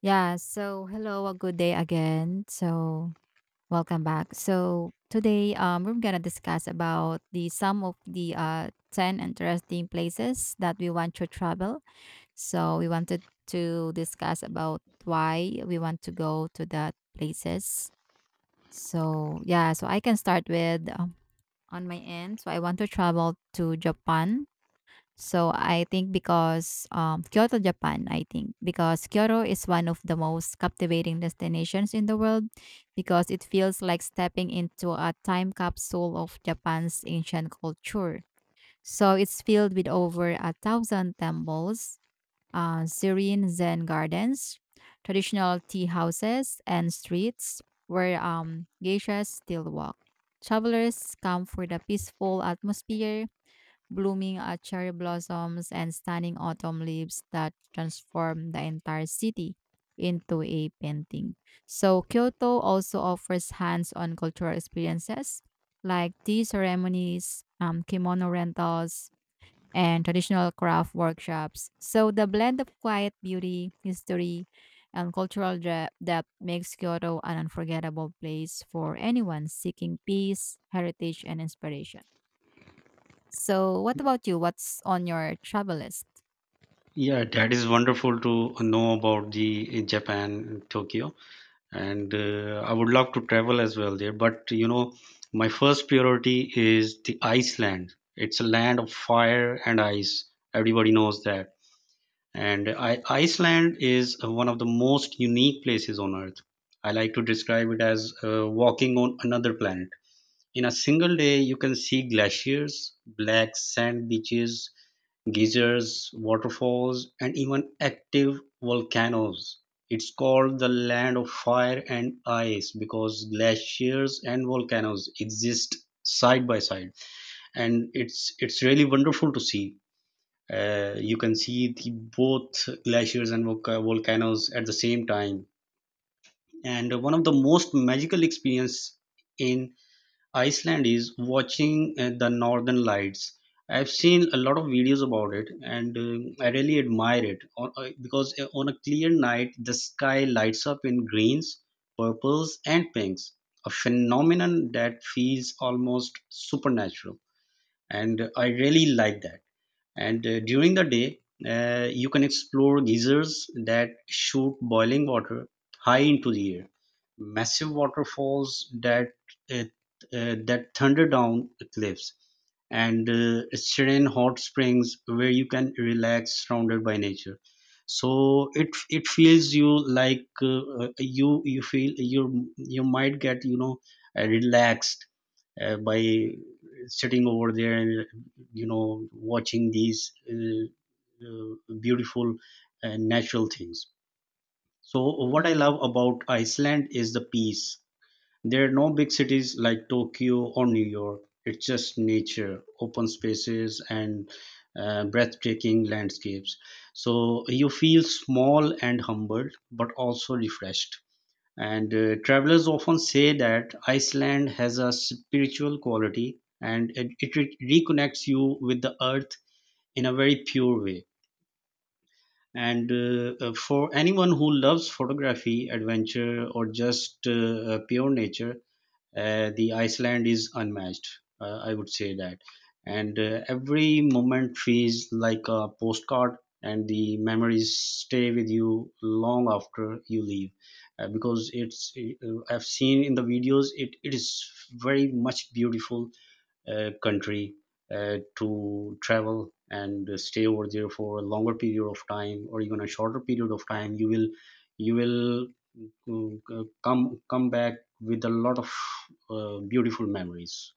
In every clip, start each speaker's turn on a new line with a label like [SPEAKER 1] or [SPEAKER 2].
[SPEAKER 1] Yeah, so hello, a good day again. So welcome back. So today we're gonna discuss about the some of the 10 interesting places that we want to travel. So we wanted to discuss about why we want to go to that places. So yeah, so I can start with on my end. So I want to travel to Japan, so I think because Kyoto, Japan, I think because Kyoto is one of the most captivating destinations in the world because it feels like stepping into a time capsule of Japan's ancient culture. So it's filled with over a thousand temples, serene Zen gardens, traditional tea houses, and streets where geishas still walk. Travelers come for the peaceful atmosphere, blooming cherry blossoms, and stunning autumn leaves that transform the entire city into a painting. So Kyoto also offers hands on cultural experiences like tea ceremonies, kimono rentals, and traditional craft workshops. So the blend of quiet beauty, history, and cultural depth makes Kyoto an unforgettable place for anyone seeking peace, heritage, and inspiration. So, what about you? What's on your travel list?
[SPEAKER 2] Yeah, that is wonderful to know about the Japan, Tokyo, and I would love to travel as well there. But you know, my first priority is the Iceland. It's a land of fire and ice. Everybody knows that. Iceland is one of the most unique places on earth. I like to describe it as walking on another planet. In a single day, you can see glaciers, black sand beaches, geysers, waterfalls, and even active volcanoes. It's called the land of fire and ice because glaciers and volcanoes exist side by side, and it's really wonderful to see. You can see the both glaciers and volcanoes at the same time, and one of the most magical experience in Iceland is watching the northern lights. I've seen a lot of videos about it, and I really admire it, because on a clear night, the sky lights up in greens, purples, and pinks, a phenomenon that feels almost supernatural, and I really like that. And During the day, you can explore geysers that shoot boiling water high into the air, massive waterfalls that uh, that thunder down cliffs, and serene hot springs where you can relax surrounded by nature. So it feels you like you feel you might get relaxed by sitting over there and you know watching these beautiful natural things, so what I
[SPEAKER 1] hmm
[SPEAKER 2] love about Iceland is the peace. There are no big cities like Tokyo or New York. It's just nature, open spaces, and breathtaking landscapes, so you feel small and humbled but also refreshed. And Travelers often say that Iceland has a spiritual quality, and it reconnects you with the earth in a very pure way. And For anyone who loves photography, adventure, or just pure nature, the Iceland is unmatched. I would say that. And Every moment feels like a postcard, and the memories stay with you long after you leave, because it's I've seen in the videos it is very much beautiful country to travel and stay over there for a longer period of time or even a shorter period of time. You will come back with a lot of beautiful memories.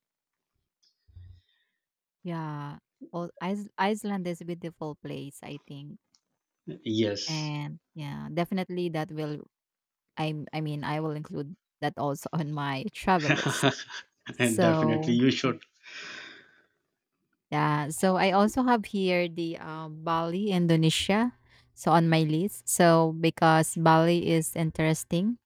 [SPEAKER 1] Yeah. Well, Iceland is a beautiful place, I think.
[SPEAKER 2] Yes,
[SPEAKER 1] And yeah, definitely that will I mean, I will include that also on my travel list.
[SPEAKER 2] and definitely
[SPEAKER 1] So,
[SPEAKER 2] you should.
[SPEAKER 1] yeah, so I also have here the Bali, Indonesia. So on my list, so because Bali is interesting,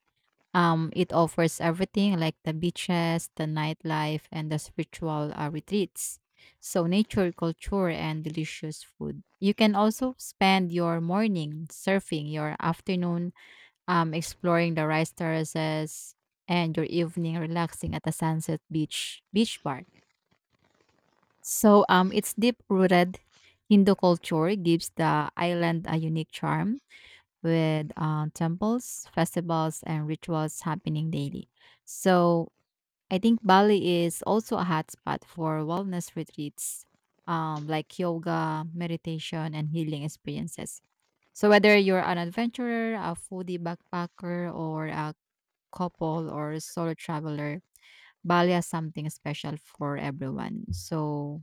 [SPEAKER 1] it offers everything like the beaches, the nightlife, and the spiritual retreats. So nature, culture, and delicious food. You can also spend your morning surfing, your afternoon exploring the rice terraces, and your evening relaxing at the sunset beach bar. So its deep-rooted Hindu culture gives the island a unique charm with temples, festivals, and rituals happening daily. So I think Bali is also a hotspot for wellness retreats, like yoga, meditation, and healing experiences. So whether you're an adventurer, a foodie backpacker, or a couple or solo traveler, Bali has something special for everyone. So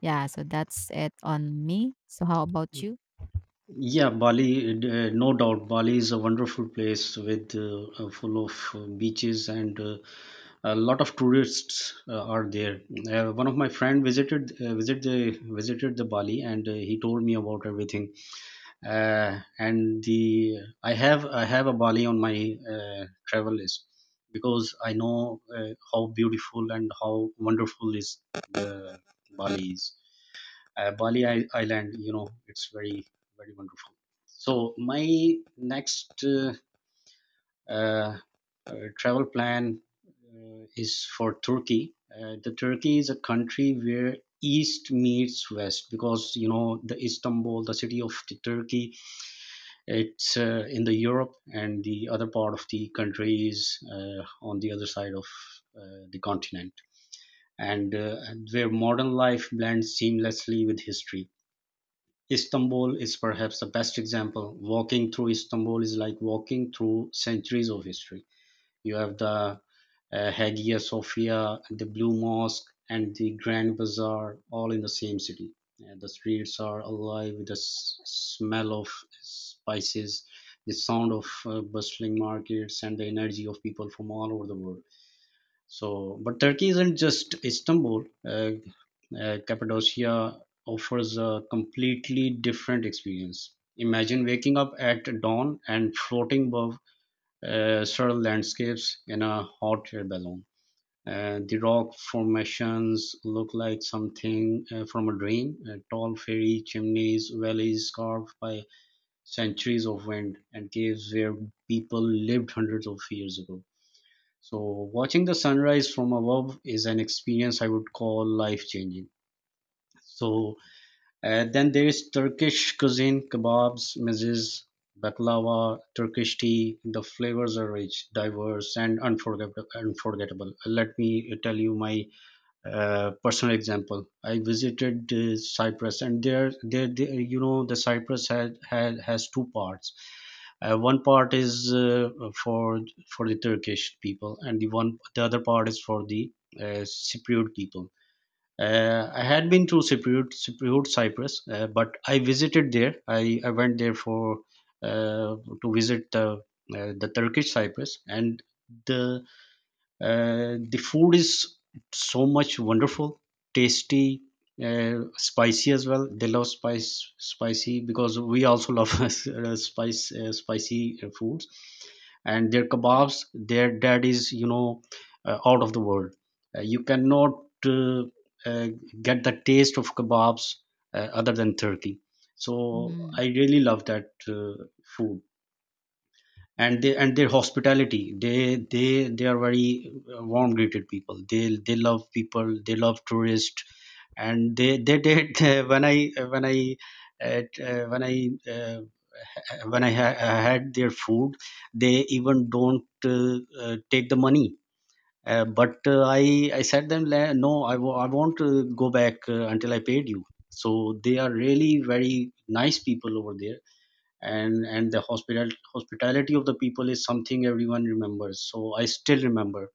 [SPEAKER 1] yeah, so that's it on me. So how about you?
[SPEAKER 2] Yeah, Bali, no doubt, Bali is a wonderful place with full of beaches and a lot of tourists are there. One of my friend visited the Bali, and he told me about everything. And the I have a Bali on my travel list because I know how beautiful and how wonderful is the Bali is. Bali Island, you know, it's very wonderful. So my next uh, travel plan is for Turkey. The Turkey is a country where east meets west, because you know the Istanbul, the city of the Turkey, it's in the Europe, and the other part of the country is on the other side of the continent, and where modern life blends seamlessly with history. Istanbul is perhaps the best example. Walking through Istanbul is like walking through centuries of history. You have the Hagia Sophia, the Blue Mosque, and the Grand Bazaar all in the same city. The streets are alive with the smell of spices, the sound of bustling markets, and the energy of people from all over the world. So, but Turkey isn't just Istanbul. Cappadocia offers a completely different experience. Imagine waking up at dawn and floating above surreal landscapes in a hot air balloon. The rock formations look like something from a dream. Tall fairy chimneys, valleys carved by centuries of wind, and caves where people lived hundreds of years ago. So, watching the sunrise from above is an experience I would call life changing. So, then there is Turkish cuisine, kebabs, mezes, baklava, Turkish tea. The flavors are rich, diverse, and unforgettable. Let me tell you my personal example. I visited Cyprus, and there, you know, the Cyprus had, had has two parts. One part is for for the Turkish people, and the other part is for the Cypriot people. I had been to Cyprus, but I visited there. I went there for uh, to visit the Turkish Cyprus, and the the food is so much wonderful, tasty, spicy as well. They love spice spicy, because we also love spice spicy foods, and their
[SPEAKER 1] Mhm.
[SPEAKER 2] kebabs, their that is you know out of the world. You cannot uh, get the taste of kebabs other than Turkey. So
[SPEAKER 1] Mm,
[SPEAKER 2] I really love that food. And they, and their hospitality, they are very warm greeted people. They love people, they love tourists, and they did, when i when I t- uh, when I had their food, they even don't take the money. I said them, No, I I won't go back until I paid you." So they are really very nice people over there, and the hospital hospitality of the people is something everyone remembers. So I still remember.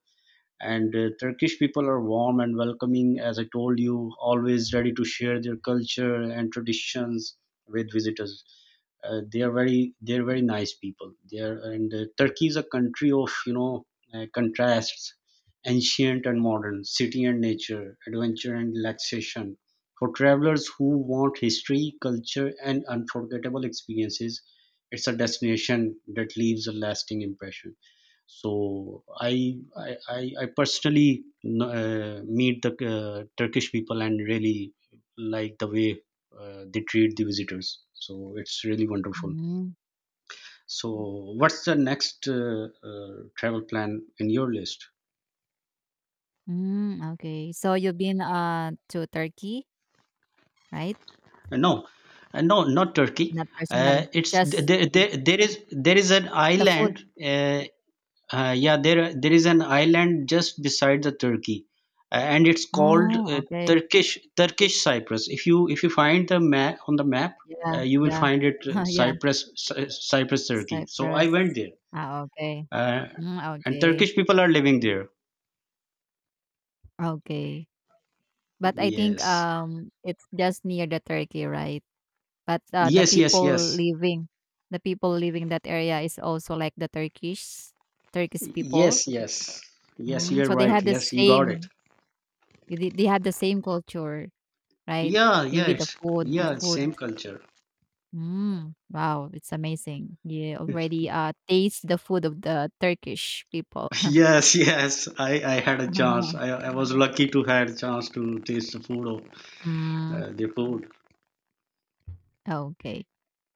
[SPEAKER 2] And Turkish people are warm and welcoming, as I told you, always ready to share their culture and traditions with visitors. They're very nice people, they are. And Turkey is a country of, you know, contrasts: ancient and modern, city and nature, adventure and relaxation. For travelers who want history, culture, and unforgettable experiences, it's a destination that leaves a lasting impression. So I personally no, meet the Turkish people, and really like the way they treat the visitors. So it's really wonderful.
[SPEAKER 1] mm,
[SPEAKER 2] So what's the next travel plan in your list?
[SPEAKER 1] mm, okay. So you've been to Turkey, right?
[SPEAKER 2] No, no, not Turkey.
[SPEAKER 1] Not personally,
[SPEAKER 2] It's th-
[SPEAKER 1] just
[SPEAKER 2] there, there. There is an
[SPEAKER 1] the
[SPEAKER 2] island,
[SPEAKER 1] food.
[SPEAKER 2] yeah, there is an island just beside the Turkey, and it's called
[SPEAKER 1] Ah, okay.
[SPEAKER 2] Turkish Cyprus. If you find the map, on the map,
[SPEAKER 1] Yeah,
[SPEAKER 2] you will
[SPEAKER 1] yeah.
[SPEAKER 2] find it,
[SPEAKER 1] Yeah,
[SPEAKER 2] Cyprus Cyprus Turkey. So I went
[SPEAKER 1] Cyprus.
[SPEAKER 2] there,
[SPEAKER 1] Ah, okay.
[SPEAKER 2] uh,
[SPEAKER 1] Mm,
[SPEAKER 2] and
[SPEAKER 1] okay.
[SPEAKER 2] Turkish people are living there.
[SPEAKER 1] Okay. But I think
[SPEAKER 2] Yes,
[SPEAKER 1] it's just near the Turkey, right? But, the
[SPEAKER 2] yes, yes,
[SPEAKER 1] people
[SPEAKER 2] yes,
[SPEAKER 1] living the people living that area is also like the Turkish people.
[SPEAKER 2] yes, yes, yes.
[SPEAKER 1] Mm,
[SPEAKER 2] You're
[SPEAKER 1] so they
[SPEAKER 2] right.
[SPEAKER 1] had the
[SPEAKER 2] Yes, you got it.
[SPEAKER 1] same they they had the same culture, right?
[SPEAKER 2] Yeah,
[SPEAKER 1] Maybe the food the
[SPEAKER 2] yeah, it's same
[SPEAKER 1] food.
[SPEAKER 2] culture.
[SPEAKER 1] Mm, wow, it's amazing. You already, taste the food of the Turkish people.
[SPEAKER 2] Yes, yes. I had a chance. I was lucky to had a chance to taste the food of
[SPEAKER 1] Mm,
[SPEAKER 2] the food.
[SPEAKER 1] okay.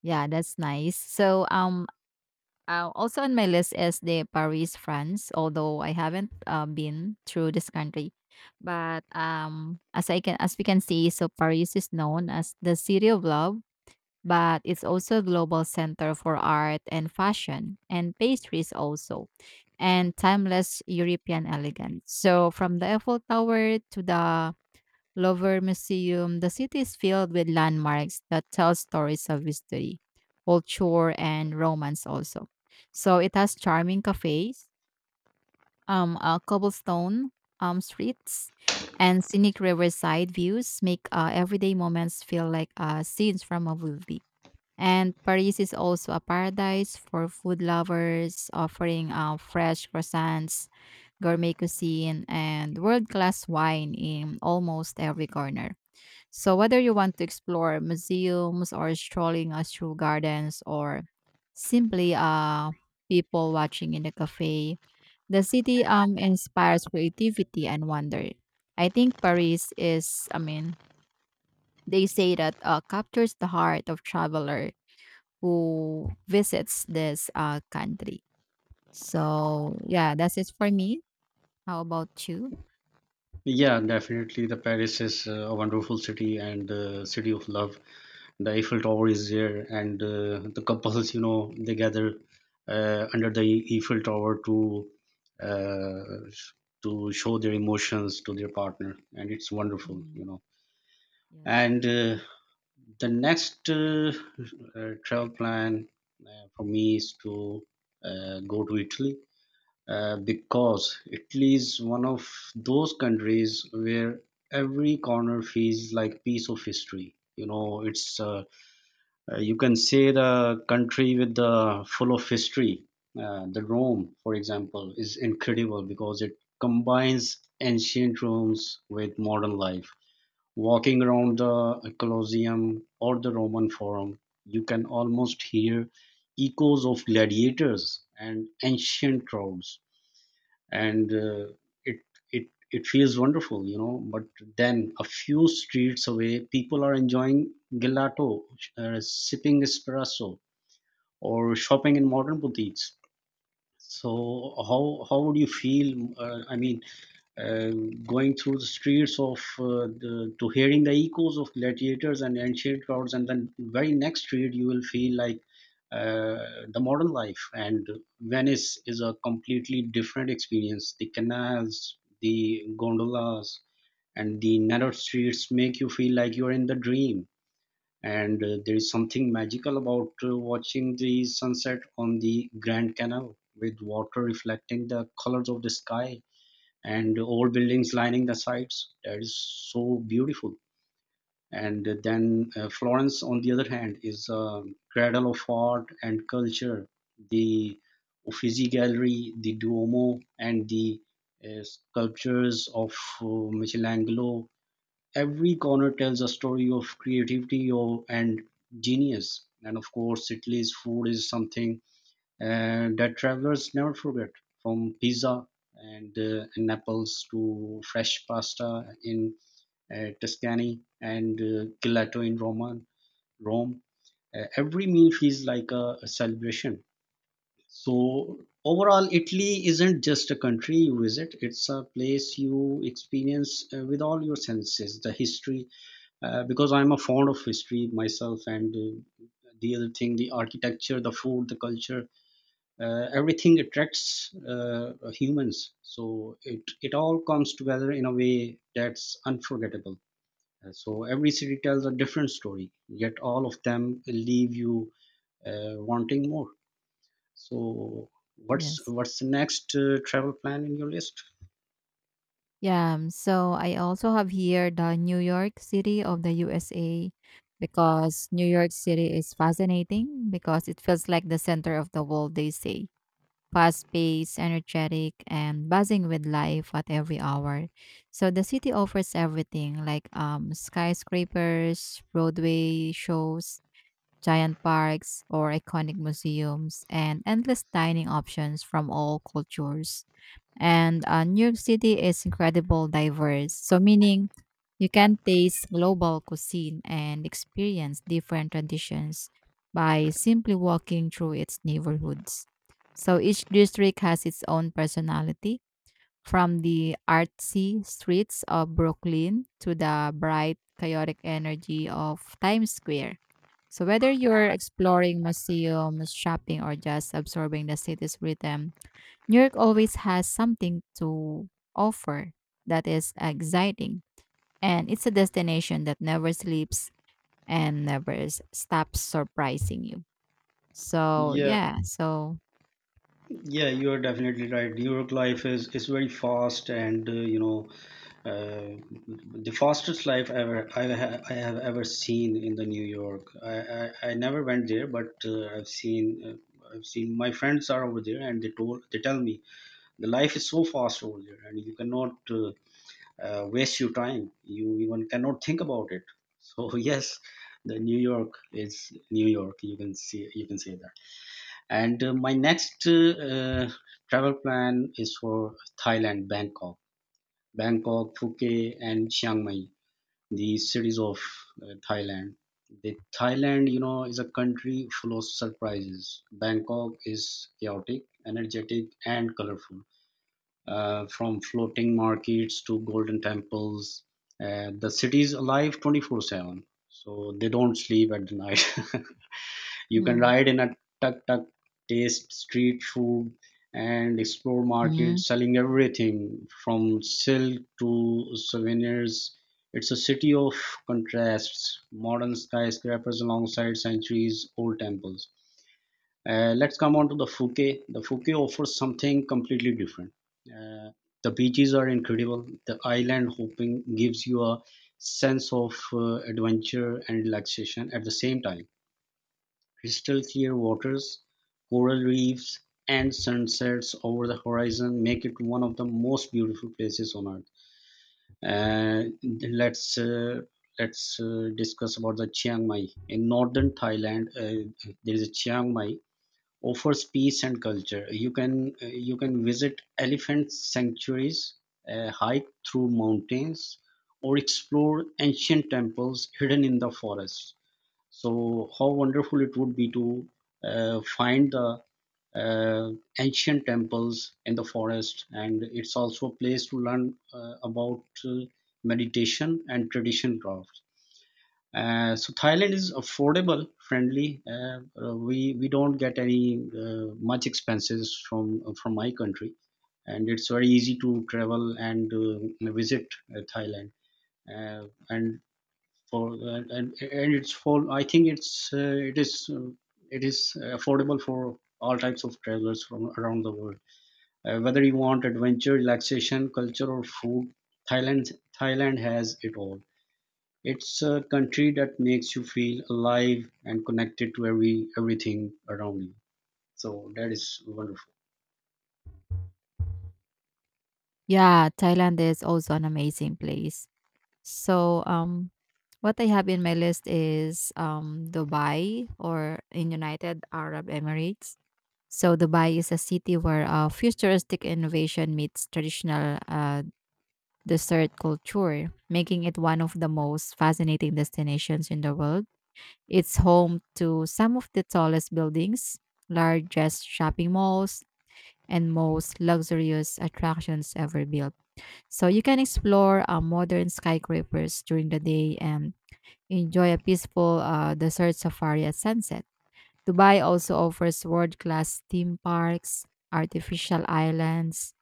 [SPEAKER 1] Yeah, that's nice. So, also on my list is the Paris, France, although I haven't been through this country. But as I can as we can see, so Paris is known as the city of love, but it's also a global center for art and fashion and pastries also, and timeless European elegance. So from the Eiffel Tower to the Louvre Museum, the city is filled with landmarks that tell stories of history, culture, and romance also. So it has charming cafes, cobblestone streets, and scenic riverside views make everyday moments feel like scenes from a movie. And Paris is also a paradise for food lovers, offering fresh croissants, gourmet cuisine, and world class wine in almost every corner. So whether you want to explore museums or strolling through gardens or simply people watching in a cafe, the city inspires creativity and wonder. I think Paris is, I mean, they say that captures the heart of traveler who visits this country. So yeah, that's it for me. How about you?
[SPEAKER 2] Yeah, definitely. The Paris is a wonderful city, and city of love. The Eiffel Tower is there, and the couples, you know, they gather under the Eiffel Tower uh, to show their emotions to their partner, and it's wonderful,
[SPEAKER 1] Mhm.
[SPEAKER 2] you know.
[SPEAKER 1] Yes.
[SPEAKER 2] And The next travel plan for me is to go to Italy, because Italy is one of those countries where every corner feels like piece of history. You know, it's you can say the country with the full of history. The Rome, for example, is incredible because it combines ancient rooms with modern life. Walking around the Colosseum or the Roman Forum, you can almost hear echoes of gladiators and ancient crowds, and it it feels wonderful, you know. But then, a few streets away, people are enjoying gelato, sipping espresso, or shopping in modern boutiques. So, how would you feel? I mean, uh, going through the streets of the, to hearing the echoes of gladiators and ancient crowds, and then very next street you will feel like uh, the modern life. And Venice is a completely different experience. The canals, the gondolas, and the narrow streets make you feel like you're in the dream. And there is something magical about watching the sunset on the Grand Canal, with water reflecting the colors of the sky and old buildings lining the sides. That is so beautiful. And then Florence, on the other hand, is a cradle of art and culture. The Uffizi Gallery, the Duomo, and the sculptures of Michelangelo. Every corner tells a story of creativity and genius. And of course, Italy's food is something and that travelers never forget, from pizza and in Naples to fresh pasta in Tuscany and gelato in Rome. Every meal feels like a celebration. So, overall, Italy isn't just a country you visit, it's a place you experience with all your senses. The history, because I'm a fond of history myself, and the other thing, the architecture, the food, the culture everything attracts humans, so it all comes together in a way that's unforgettable. So every city tells a different story, yet all of them leave you wanting more. So what's
[SPEAKER 1] Yes.
[SPEAKER 2] what's the next travel plan in your list?
[SPEAKER 1] Yeah, so I also have here the New York City of the USA because New York City is fascinating because it feels like the center of the world, they say. Fast paced, energetic, and buzzing with life at every hour. So the city offers everything like skyscrapers, roadway shows, giant parks, or iconic museums, and endless dining options from all cultures. And New York City is incredible diverse. So meaning you can taste global cuisine and experience different traditions by simply walking through its neighborhoods. So each district has its own personality, from the artsy streets of Brooklyn to the bright, chaotic energy of Times Square. So whether you're exploring museums, shopping, or just absorbing the city's rhythm, New York always has something to offer that is exciting, and it's a destination that never sleeps and never stops surprising you. So,
[SPEAKER 2] Yeah,
[SPEAKER 1] yeah, so.
[SPEAKER 2] yeah, you are definitely right. New York life is very fast, and Uh, the fastest life ever I have ever seen in the New York. I never went there, but I've seen my friends are over there, and they tell me the life is so fast over there, and you cannot waste your time. You even cannot think about it. So yes, the New York is New York. You can say that. And my next travel plan is for Thailand, Bangkok. Bangkok, Phuket, and Chiang Mai, the cities of Thailand. The Thailand, you know, is a country full of surprises. Bangkok is chaotic, energetic, and colorful. From floating markets to golden temples, the city is alive 24/7. So they don't sleep at the night. You can
[SPEAKER 1] Mm.
[SPEAKER 2] ride in a tuk tuk, taste street food, and explore
[SPEAKER 1] Mhm.
[SPEAKER 2] markets selling everything from silk to souvenirs. It's a city of contrasts, modern skyscrapers alongside centuries old temples. Let's come on to the Fuke. The Fuke offers something completely different. Uh, the beaches are incredible. The island hopping gives you a sense of adventure and relaxation at the same time. Crystal-clear waters, coral reefs, and sunsets over the horizon make it one of the most beautiful places on earth. Let's uh, let's discuss about the Chiang Mai in northern Thailand. There is a Chiang Mai offers peace and culture. You can visit elephant sanctuaries, hike through mountains, or explore ancient temples hidden in the forest. So, how wonderful it would be to find the uh, ancient temples in the forest, and it's also a place to learn about meditation and tradition crafts. So Thailand is affordable, friendly. We don't get any much expenses from my country, and it's very easy to travel and visit Thailand. And for and and it's for I think it's it is affordable for all types of travelers from around the world. Whether you want adventure, relaxation, culture, or food, Thailand Thailand has it all. It's a country that makes you feel alive and connected to everything around you. So that is wonderful.
[SPEAKER 1] Yeah, Thailand is also an amazing place. So, what I have in my list is Dubai or in United Arab Emirates. So Dubai is a city where futuristic innovation meets traditional dessert culture, making it one of the most fascinating destinations in the world. It's home to some of the tallest buildings, largest shopping malls, and most luxurious attractions ever built. So you can explore modern skyscrapers during the day and enjoy a peaceful desert safari at sunset. Dubai also offers world class theme parks, artificial islands,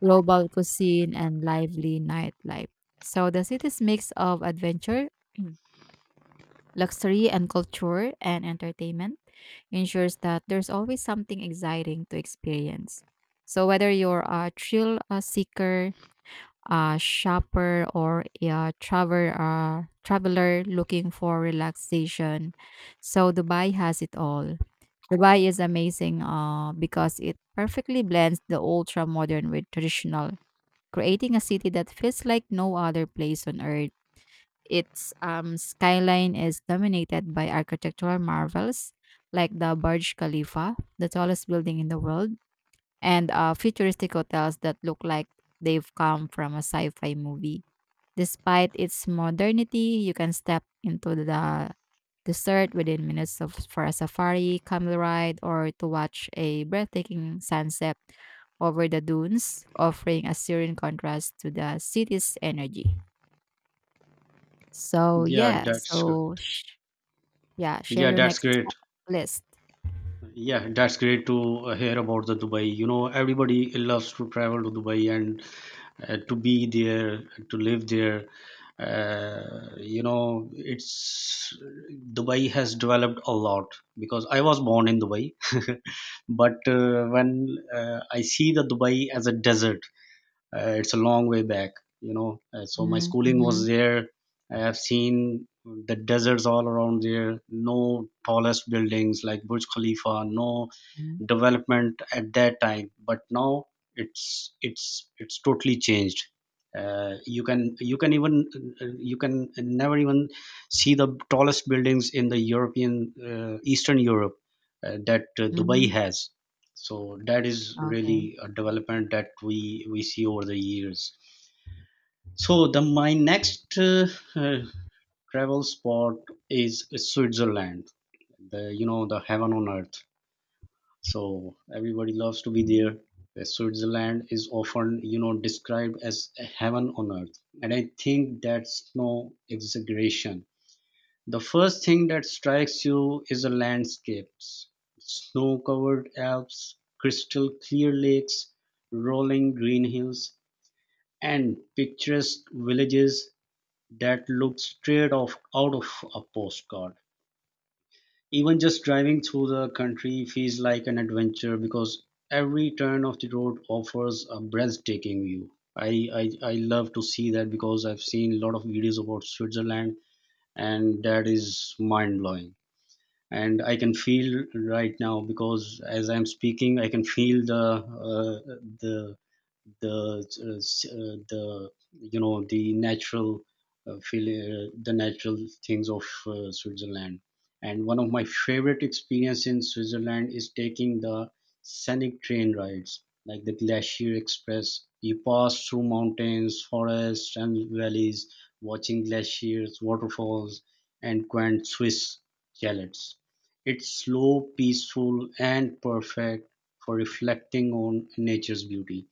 [SPEAKER 1] global cuisine, and lively nightlife. So the city's mix of adventure, luxury, and culture and entertainment ensures that there's always something exciting to experience. So whether you're a thrill seeker, a shopper, or a traveler looking for relaxation, so Dubai has it all. Dubai is amazing because it perfectly blends the ultra modern with traditional, creating a city that feels like no other place on earth. Its skyline is dominated by architectural marvels like the Burj Khalifa, the tallest building in the world, and futuristic hotels that look like they've come from a sci fi movie. Despite its modernity, you can step into the desert within minutes of, for a safari, camel ride, or to watch a breathtaking sunset over the dunes, offering a serene contrast to the city's energy. So
[SPEAKER 2] Yeah,
[SPEAKER 1] yeah,
[SPEAKER 2] that's
[SPEAKER 1] so
[SPEAKER 2] great.
[SPEAKER 1] yeah, share
[SPEAKER 2] Yeah,
[SPEAKER 1] your
[SPEAKER 2] that's
[SPEAKER 1] next
[SPEAKER 2] great.
[SPEAKER 1] list.
[SPEAKER 2] Yeah, that's great to hear about the Dubai. You know, everybody loves to travel to Dubai and to be there, to live there. You know, it's Dubai has developed a lot because I was born in Dubai, but when I see the Dubai as a desert, it's a long way back, you know. So my schooling was
[SPEAKER 1] Mm-hmm.
[SPEAKER 2] there. I have seen the deserts all around there, no tallest buildings like Burj Khalifa, no development at that time, but now it's it's it's totally changed. Uh, you can even you can never even see the tallest buildings in the European, eastern Europe, that Dubai
[SPEAKER 1] Hmm.
[SPEAKER 2] has. So that is really
[SPEAKER 1] Okay.
[SPEAKER 2] a development that we see over the years. So the my next uh, travel spot is Switzerland, the, you know, the heaven on earth. So everybody loves to be there.
[SPEAKER 1] Mhm.
[SPEAKER 2] Switzerland is often, you know, described as a heaven on earth, and I think that's no exaggeration. The first thing that strikes you is the landscapes, snow covered Alps, crystal clear lakes, rolling green hills, and picturesque villages that look straight off out of a postcard. Even just driving through the country feels like an adventure because every turn of the road offers a breathtaking view. I love to see that because I've seen a lot of videos about Switzerland, and that is mind blowing. And I can feel right now because as I'm speaking I can feel the the the you know the natural feel, the natural things of Switzerland. And one of my favorite experience in Switzerland is taking the scenic train rides like the Glacier Express. You pass through mountains, forests, and valleys, watching glaciers, waterfalls, and quaint Swiss chalets. It's slow, peaceful, and perfect for reflecting on nature's beauty.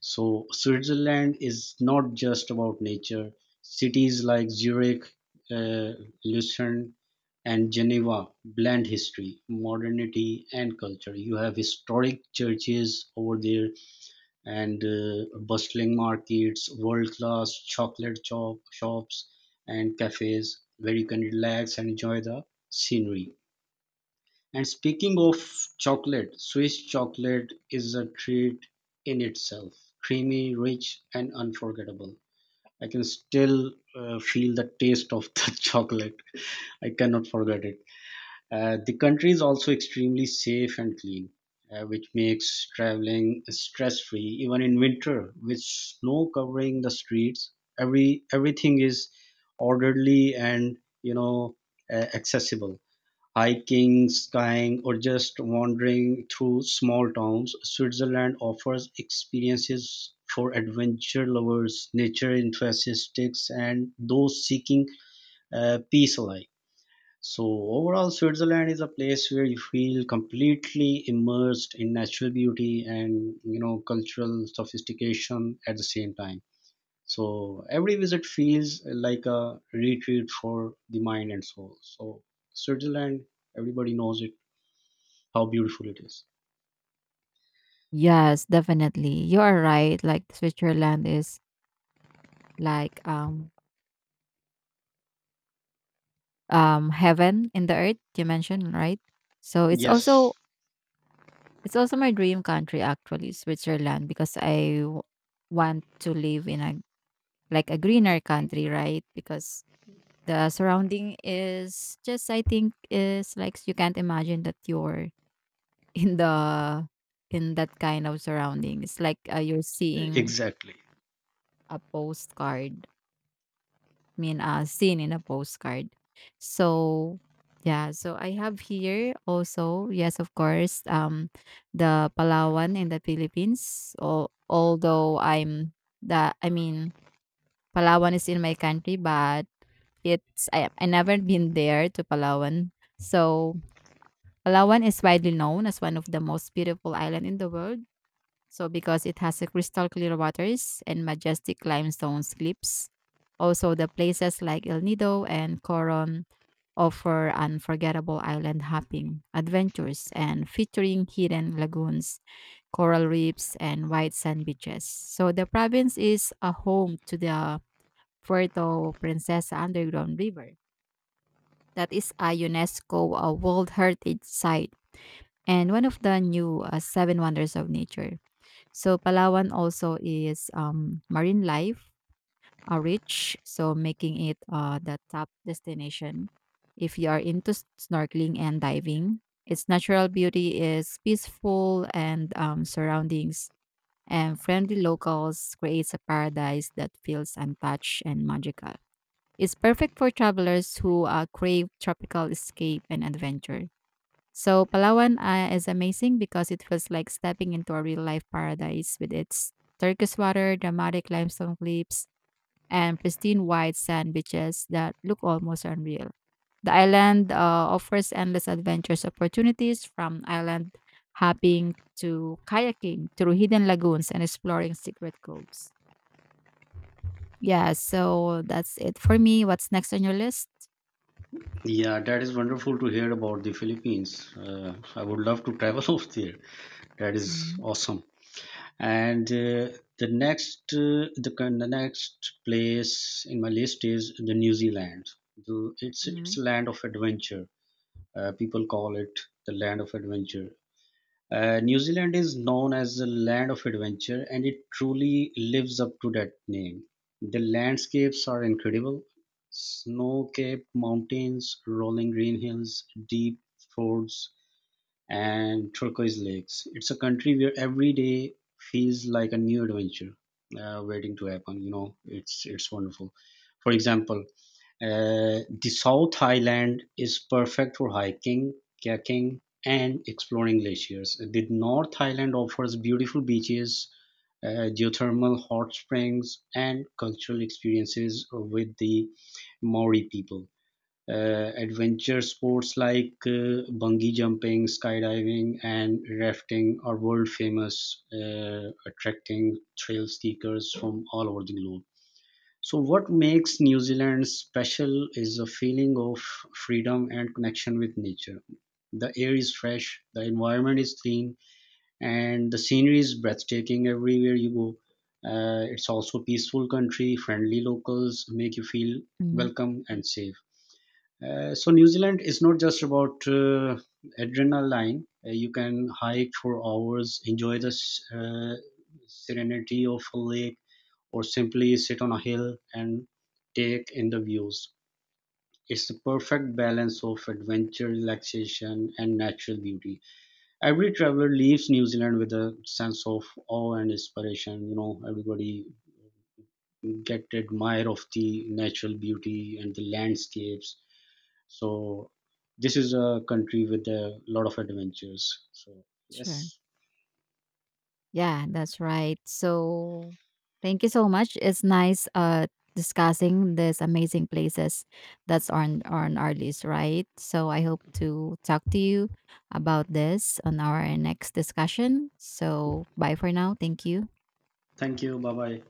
[SPEAKER 2] So, Switzerland is not just about nature. Cities like Zurich, uh, Lucerne, and Geneva blend history, modernity, and culture. You have historic churches over there, and bustling markets, world class shops, and cafes where you can relax and enjoy the scenery. And speaking of chocolate, Swiss chocolate is a treat in itself. Creamy, rich, and unforgettable. I can still feel the taste of the chocolate. I cannot forget it. The country is also extremely safe and clean, which makes traveling stress free, even in winter, with snow covering the streets. Everything is orderly and, you know, accessible. Hiking, skiing, or just wandering through small towns, Switzerland offers experiences for adventure lovers, nature enthusiasts, and those seeking peace alike. So, overall, Switzerland is a place where you feel completely immersed in natural beauty and, you know, cultural sophistication at the same time. So, every visit feels like a retreat for the mind and soul. So, Switzerland, everybody knows it, how beautiful it is.
[SPEAKER 1] Yes, definitely. You are right. Like Switzerland is like heaven in the earth, you mentioned, right? So it's also
[SPEAKER 2] Yes,
[SPEAKER 1] it's also my dream country, actually, Switzerland, because I want to live in a greener country, right? Because the surrounding is just, I think, is like you can't imagine that you're in the in that kind of surrounding. It's like you're seeing
[SPEAKER 2] exactly.
[SPEAKER 1] a postcard, mean seen in a postcard. So yeah, so I have here also, yes, of course, the Palawan in the Philippines. Although I'm I mean, Palawan is in my country, but it's I never been there to Palawan. So Palawan is widely known as one of the most beautiful island in the world, so because it has a crystal clear waters and majestic limestone cliffs. Also, the places like El Nido and Coron offer unforgettable island hopping adventures and featuring hidden lagoons, coral reefs, and white sand beaches. So the province is a home to the Puerto Princesa underground river that is a UNESCO World Heritage Site and one of the new seven wonders of nature. So Palawan also is marine life rich, so making it the top destination if you are into snorkeling and diving. Its natural beauty is peaceful and surroundings and friendly locals creates a paradise that feels untouched and magical. It's perfect for travelers who crave tropical escape and adventure. So Palawan is amazing because it feels like stepping into a real life paradise with its turquoise water, dramatic limestone cliffs, and pristine white sand beaches that look almost unreal. The island offers endless adventures opportunities from island hopping to kayaking through hidden lagoons and exploring secret coves. Yeah, so that's it for me. What's next on your list?
[SPEAKER 2] Yeah, that is wonderful to hear about the Philippines. I would love to travel over there. That is
[SPEAKER 1] Mm-hmm.
[SPEAKER 2] awesome. And the next place in my list is the New Zealand. The, it's a land of adventure. People call it the land of adventure. New Zealand is known as the land of adventure, and it truly lives up to that name. The landscapes are incredible, snow capped mountains, rolling green hills, deep fords, and turquoise lakes. It's a country where every day feels like a new adventure waiting to happen. You know, it's wonderful. For example, the South Highland is perfect for hiking, kayaking, and exploring glaciers. The North Highland offers beautiful beaches, geothermal hot springs, and cultural experiences with the Maori people. Adventure sports like bungee jumping, skydiving, and rafting are world famous, attracting trail seekers from all over the globe. So, what makes New Zealand special is a feeling of freedom and connection with nature. The air is fresh, the environment is clean, and the scenery is breathtaking everywhere you go. It's also a peaceful country, friendly locals make you feel
[SPEAKER 1] Hmm.
[SPEAKER 2] welcome and safe. So, New Zealand is not just about adrenaline. You can hike for hours, enjoy the serenity of a lake, or simply sit on a hill and take in the views. It's the perfect balance of adventure, relaxation, and natural beauty. Every traveler leaves New Zealand with a sense of awe and inspiration. You know, everybody get to admire of the natural beauty and the landscapes. So this is a country with a lot of adventures. So
[SPEAKER 1] Sure.
[SPEAKER 2] yes,
[SPEAKER 1] Yeah, that's right. So thank you so much. It's nice discussing these amazing places that's on our list, right? So I hope to talk to you about this on our next discussion. So bye for now. Thank you.
[SPEAKER 2] thank you. Bye bye.